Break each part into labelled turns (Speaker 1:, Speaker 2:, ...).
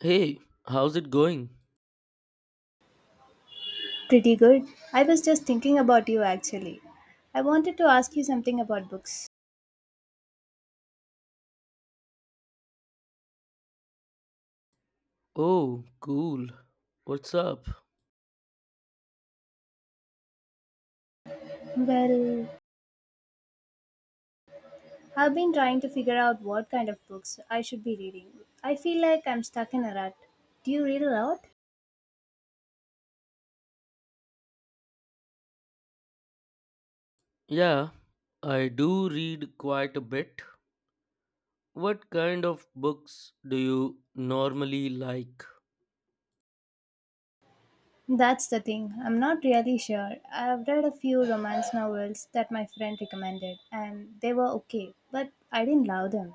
Speaker 1: Hey, how's it going?
Speaker 2: Pretty good. I was just thinking about you actually. I wanted to ask you something about books.
Speaker 1: Oh, cool. What's up?
Speaker 2: Well, I've been trying to figure out what kind of books I should be reading. I feel like I'm stuck in a rut. Do you read a lot?
Speaker 1: Yeah, I do read quite a bit. What kind of books do you normally like?
Speaker 2: That's the thing. I'm not really sure. I've read a few romance novels that my friend recommended, and they were okay, but I didn't love them.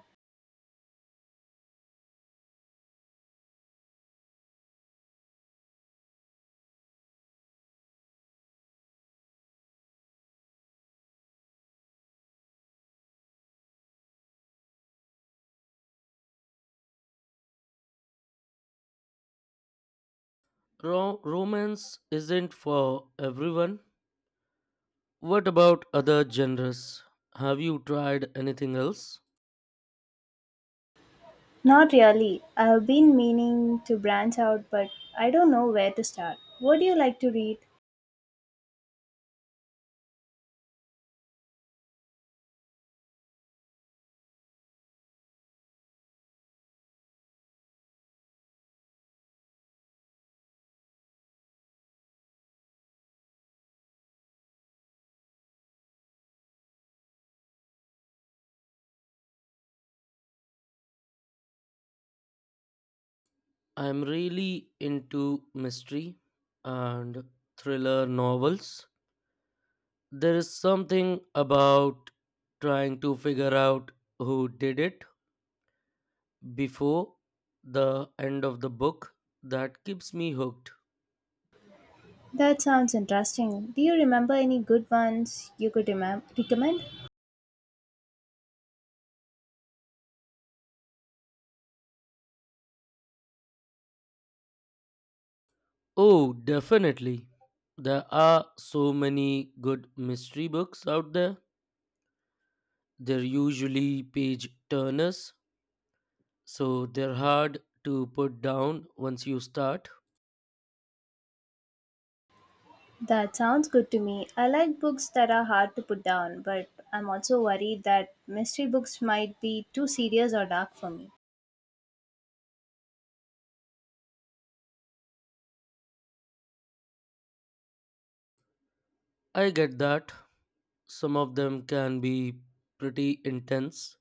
Speaker 1: Romance isn't for everyone. What about other genres? Have you tried anything else?
Speaker 2: Not really. I've been meaning to branch out, but I don't know where to start. What do you like to read?
Speaker 1: I'm really into mystery and thriller novels. There is something about trying to figure out who did it before the end of the book that keeps me hooked.
Speaker 2: That sounds interesting. Do you remember any good ones you could recommend?
Speaker 1: Oh, definitely. There are so many good mystery books out there. They're usually page turners, so they're hard to put down once you start.
Speaker 2: That sounds good to me. I like books that are hard to put down, but I'm also worried that mystery books might be too serious or dark for me.
Speaker 1: I get that. Some of them can be pretty intense,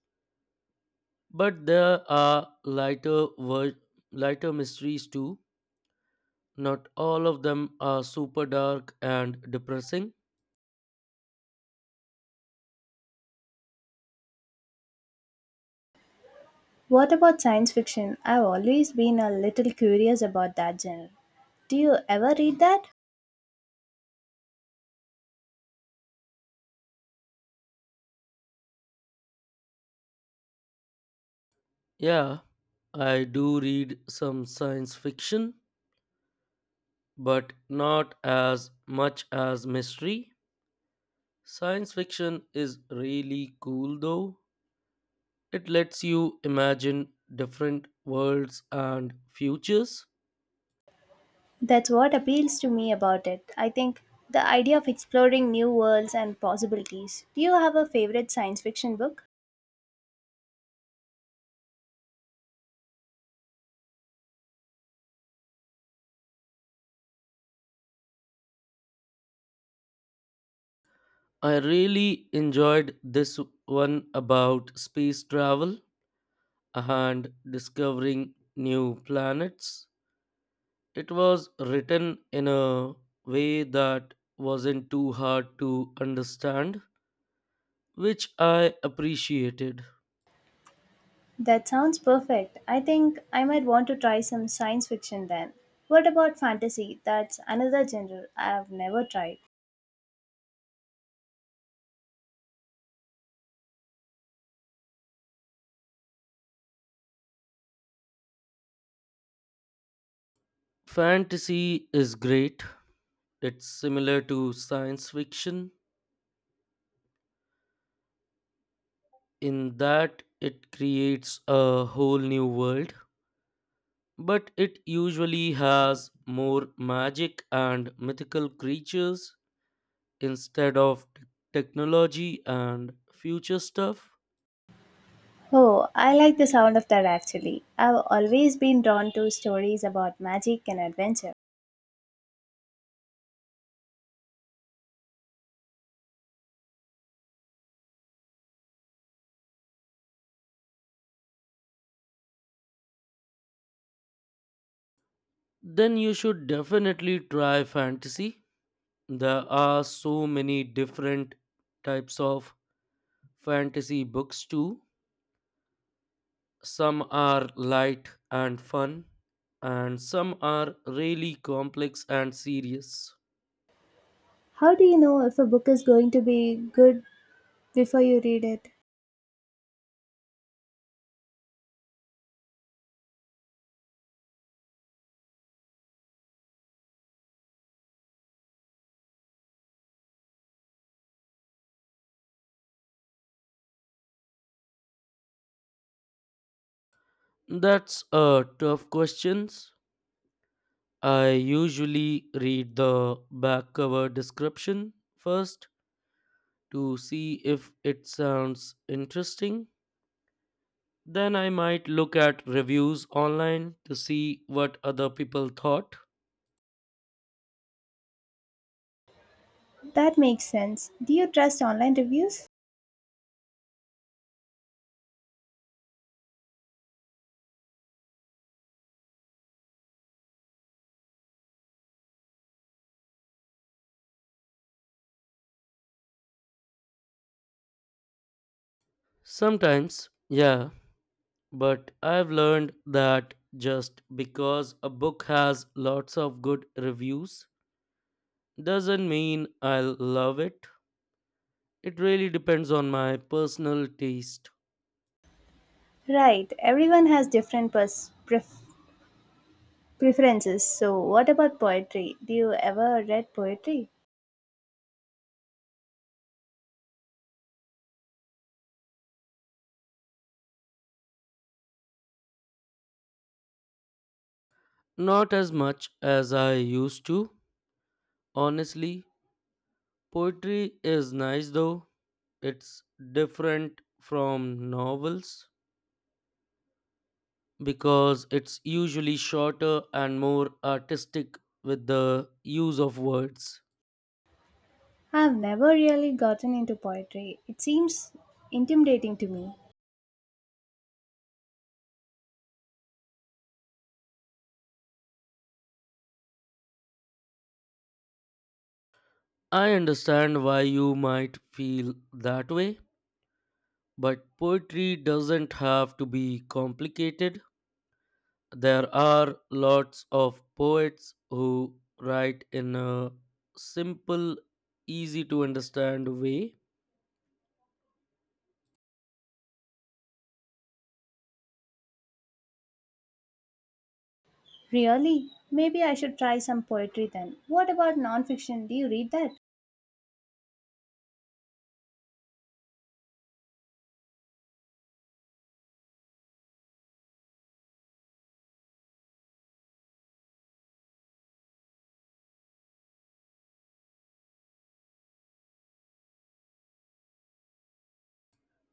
Speaker 1: but there are lighter mysteries too. Not all of them are super dark and depressing.
Speaker 2: What about science fiction? I've always been a little curious about that genre. Do you ever read that?
Speaker 1: Yeah, I do read some science fiction, but not as much as mystery. Science fiction is really cool though. It lets you imagine different worlds and futures.
Speaker 2: That's what appeals to me about it. I think the idea of exploring new worlds and possibilities. Do you have a favorite science fiction book?
Speaker 1: I really enjoyed this one about space travel and discovering new planets. It was written in a way that wasn't too hard to understand, which I appreciated.
Speaker 2: That sounds perfect. I think I might want to try some science fiction then. What about fantasy? That's another genre I've never tried.
Speaker 1: Fantasy is great. It's similar to science fiction in that it creates a whole new world, but it usually has more magic and mythical creatures instead of technology and future stuff.
Speaker 2: Oh, I like the sound of that actually. I've always been drawn to stories about magic and adventure.
Speaker 1: Then you should definitely try fantasy. There are so many different types of fantasy books too. Some are light and fun, and some are really complex and serious.
Speaker 2: How do you know if a book is going to be good before you read it?
Speaker 1: That's a tough question. I usually read the back cover description first to see if it sounds interesting. Then I might look at reviews online to see what other people thought.
Speaker 2: That makes sense. Do you trust online reviews?
Speaker 1: Sometimes, yeah, but I've learned that just because a book has lots of good reviews doesn't mean I'll love it. It really depends on my personal taste.
Speaker 2: Right, everyone has different preferences. So, what about poetry? Do you ever read poetry?
Speaker 1: Not as much as I used to. Honestly, poetry is nice though. It's different from novels because it's usually shorter and more artistic with the use of words.
Speaker 2: I've never really gotten into poetry. It seems intimidating to me.
Speaker 1: I understand why you might feel that way, but poetry doesn't have to be complicated. There are lots of poets who write in a simple, easy to understand way.
Speaker 2: Really? Maybe I should try some poetry then. What about nonfiction? Do you read that?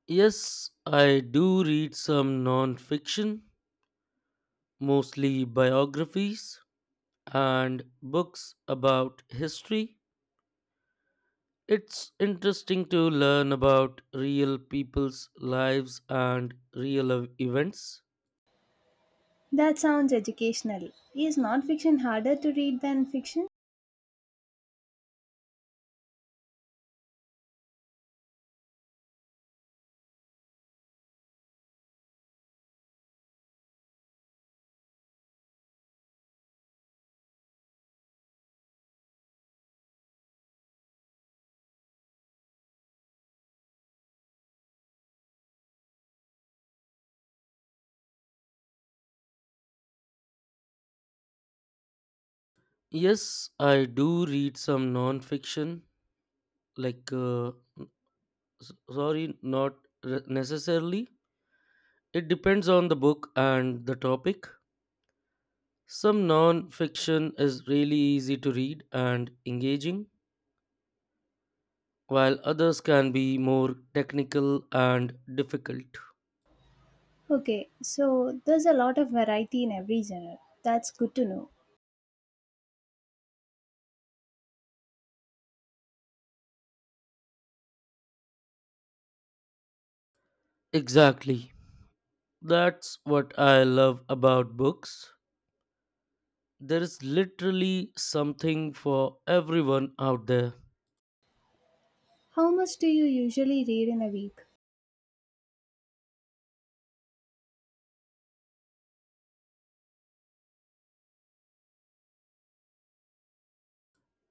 Speaker 1: Yes, I do read some non fiction, mostly biographies and books about history. It's interesting to learn about real people's lives and real events.
Speaker 2: That sounds educational. Is nonfiction harder to read than fiction?
Speaker 1: Yes, I do read some non-fiction, like n- sorry, not necessarily. It depends on the book and the topic. Some non-fiction is really easy to read and engaging, while others can be more technical and difficult.
Speaker 2: Okay, so there's a lot of variety in every genre. That's good to know.
Speaker 1: Exactly. That's what I love about books. There is literally something for everyone out there.
Speaker 2: How much do you usually read in a week?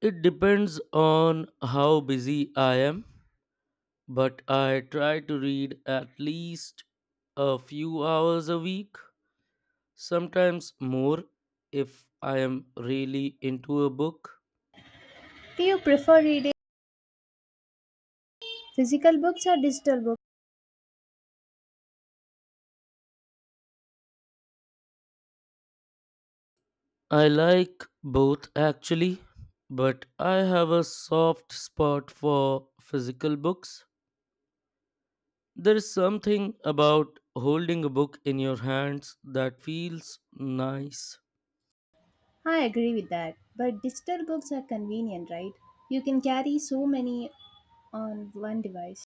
Speaker 1: It depends on how busy I am, but I try to read at least a few hours a week, sometimes more if I am really into a book.
Speaker 2: Do you prefer reading physical books or digital books?
Speaker 1: I like both actually, but I have a soft spot for physical books. There is something about holding a book in your hands that feels nice.
Speaker 2: I agree with that. But digital books are convenient, right? You can carry so many on one device.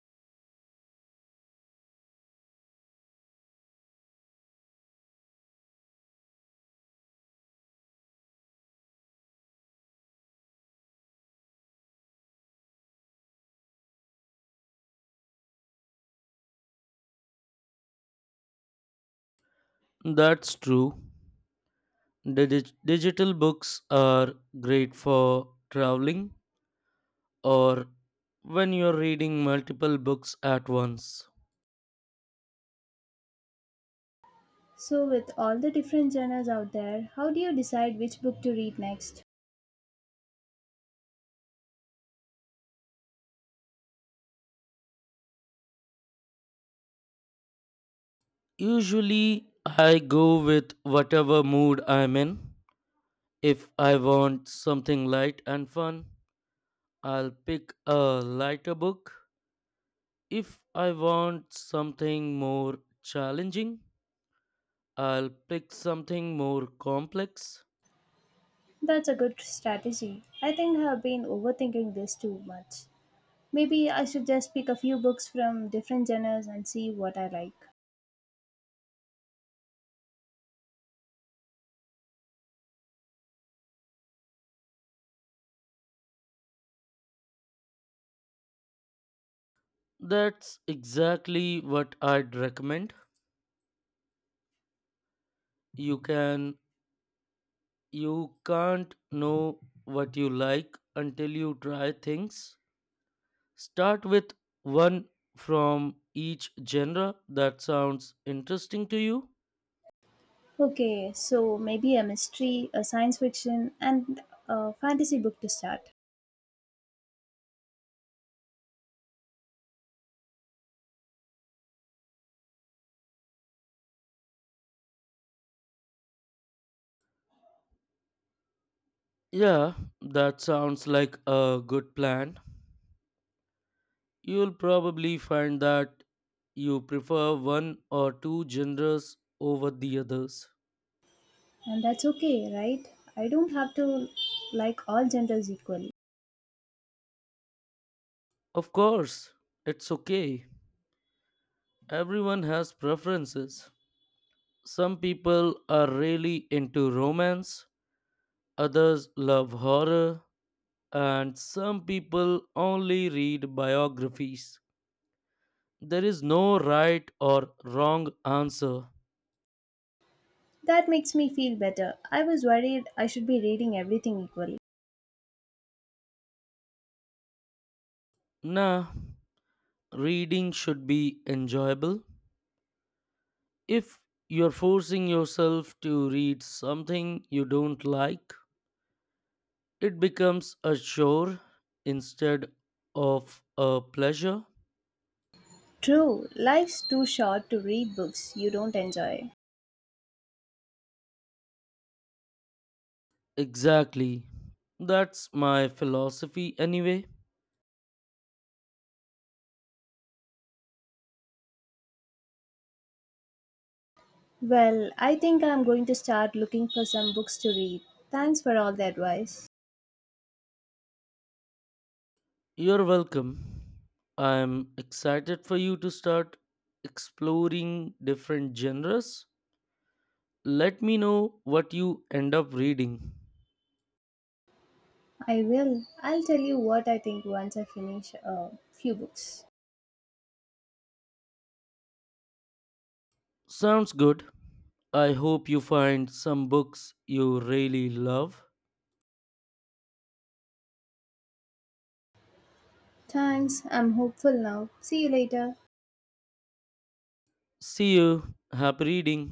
Speaker 1: That's true. Digital books are great for traveling or when you're reading multiple books at once.
Speaker 2: So, with all the different genres out there, how do you decide which book to read next?
Speaker 1: Usually, I go with whatever mood I'm in. If I want something light and fun, I'll pick a lighter book. If I want something more challenging, I'll pick something more complex.
Speaker 2: That's a good strategy. I think I have been overthinking this too much. Maybe I should just pick a few books from different genres and see what I like.
Speaker 1: That's exactly what I'd recommend. You can you can't know what you like until you try things. Start with one from each genre that sounds interesting to you.
Speaker 2: Okay, so maybe a mystery, a science fiction, and a fantasy book to start.
Speaker 1: Yeah, that sounds like a good plan. You'll probably find that you prefer one or two genres over the others.
Speaker 2: And that's okay, right? I don't have to like all genres equally.
Speaker 1: Of course, it's okay. Everyone has preferences. Some people are really into romance, others love horror, and some people only read biographies. There is no right or wrong answer.
Speaker 2: That makes me feel better. I was worried I should be reading everything equally.
Speaker 1: Nah, reading should be enjoyable. If you're forcing yourself to read something you don't like, it becomes a chore instead of a pleasure.
Speaker 2: True, life's too short to read books you don't enjoy.
Speaker 1: Exactly. That's my philosophy anyway.
Speaker 2: Well, I think I'm going to start looking for some books to read. Thanks for all the advice.
Speaker 1: You're welcome. I'm excited for you to start exploring different genres. Let me know what you end up reading.
Speaker 2: I will. I'll tell you what I think once I finish a few books.
Speaker 1: Sounds good. I hope you find some books you really love.
Speaker 2: Thanks, I'm hopeful now. See you later.
Speaker 1: See you. Happy reading.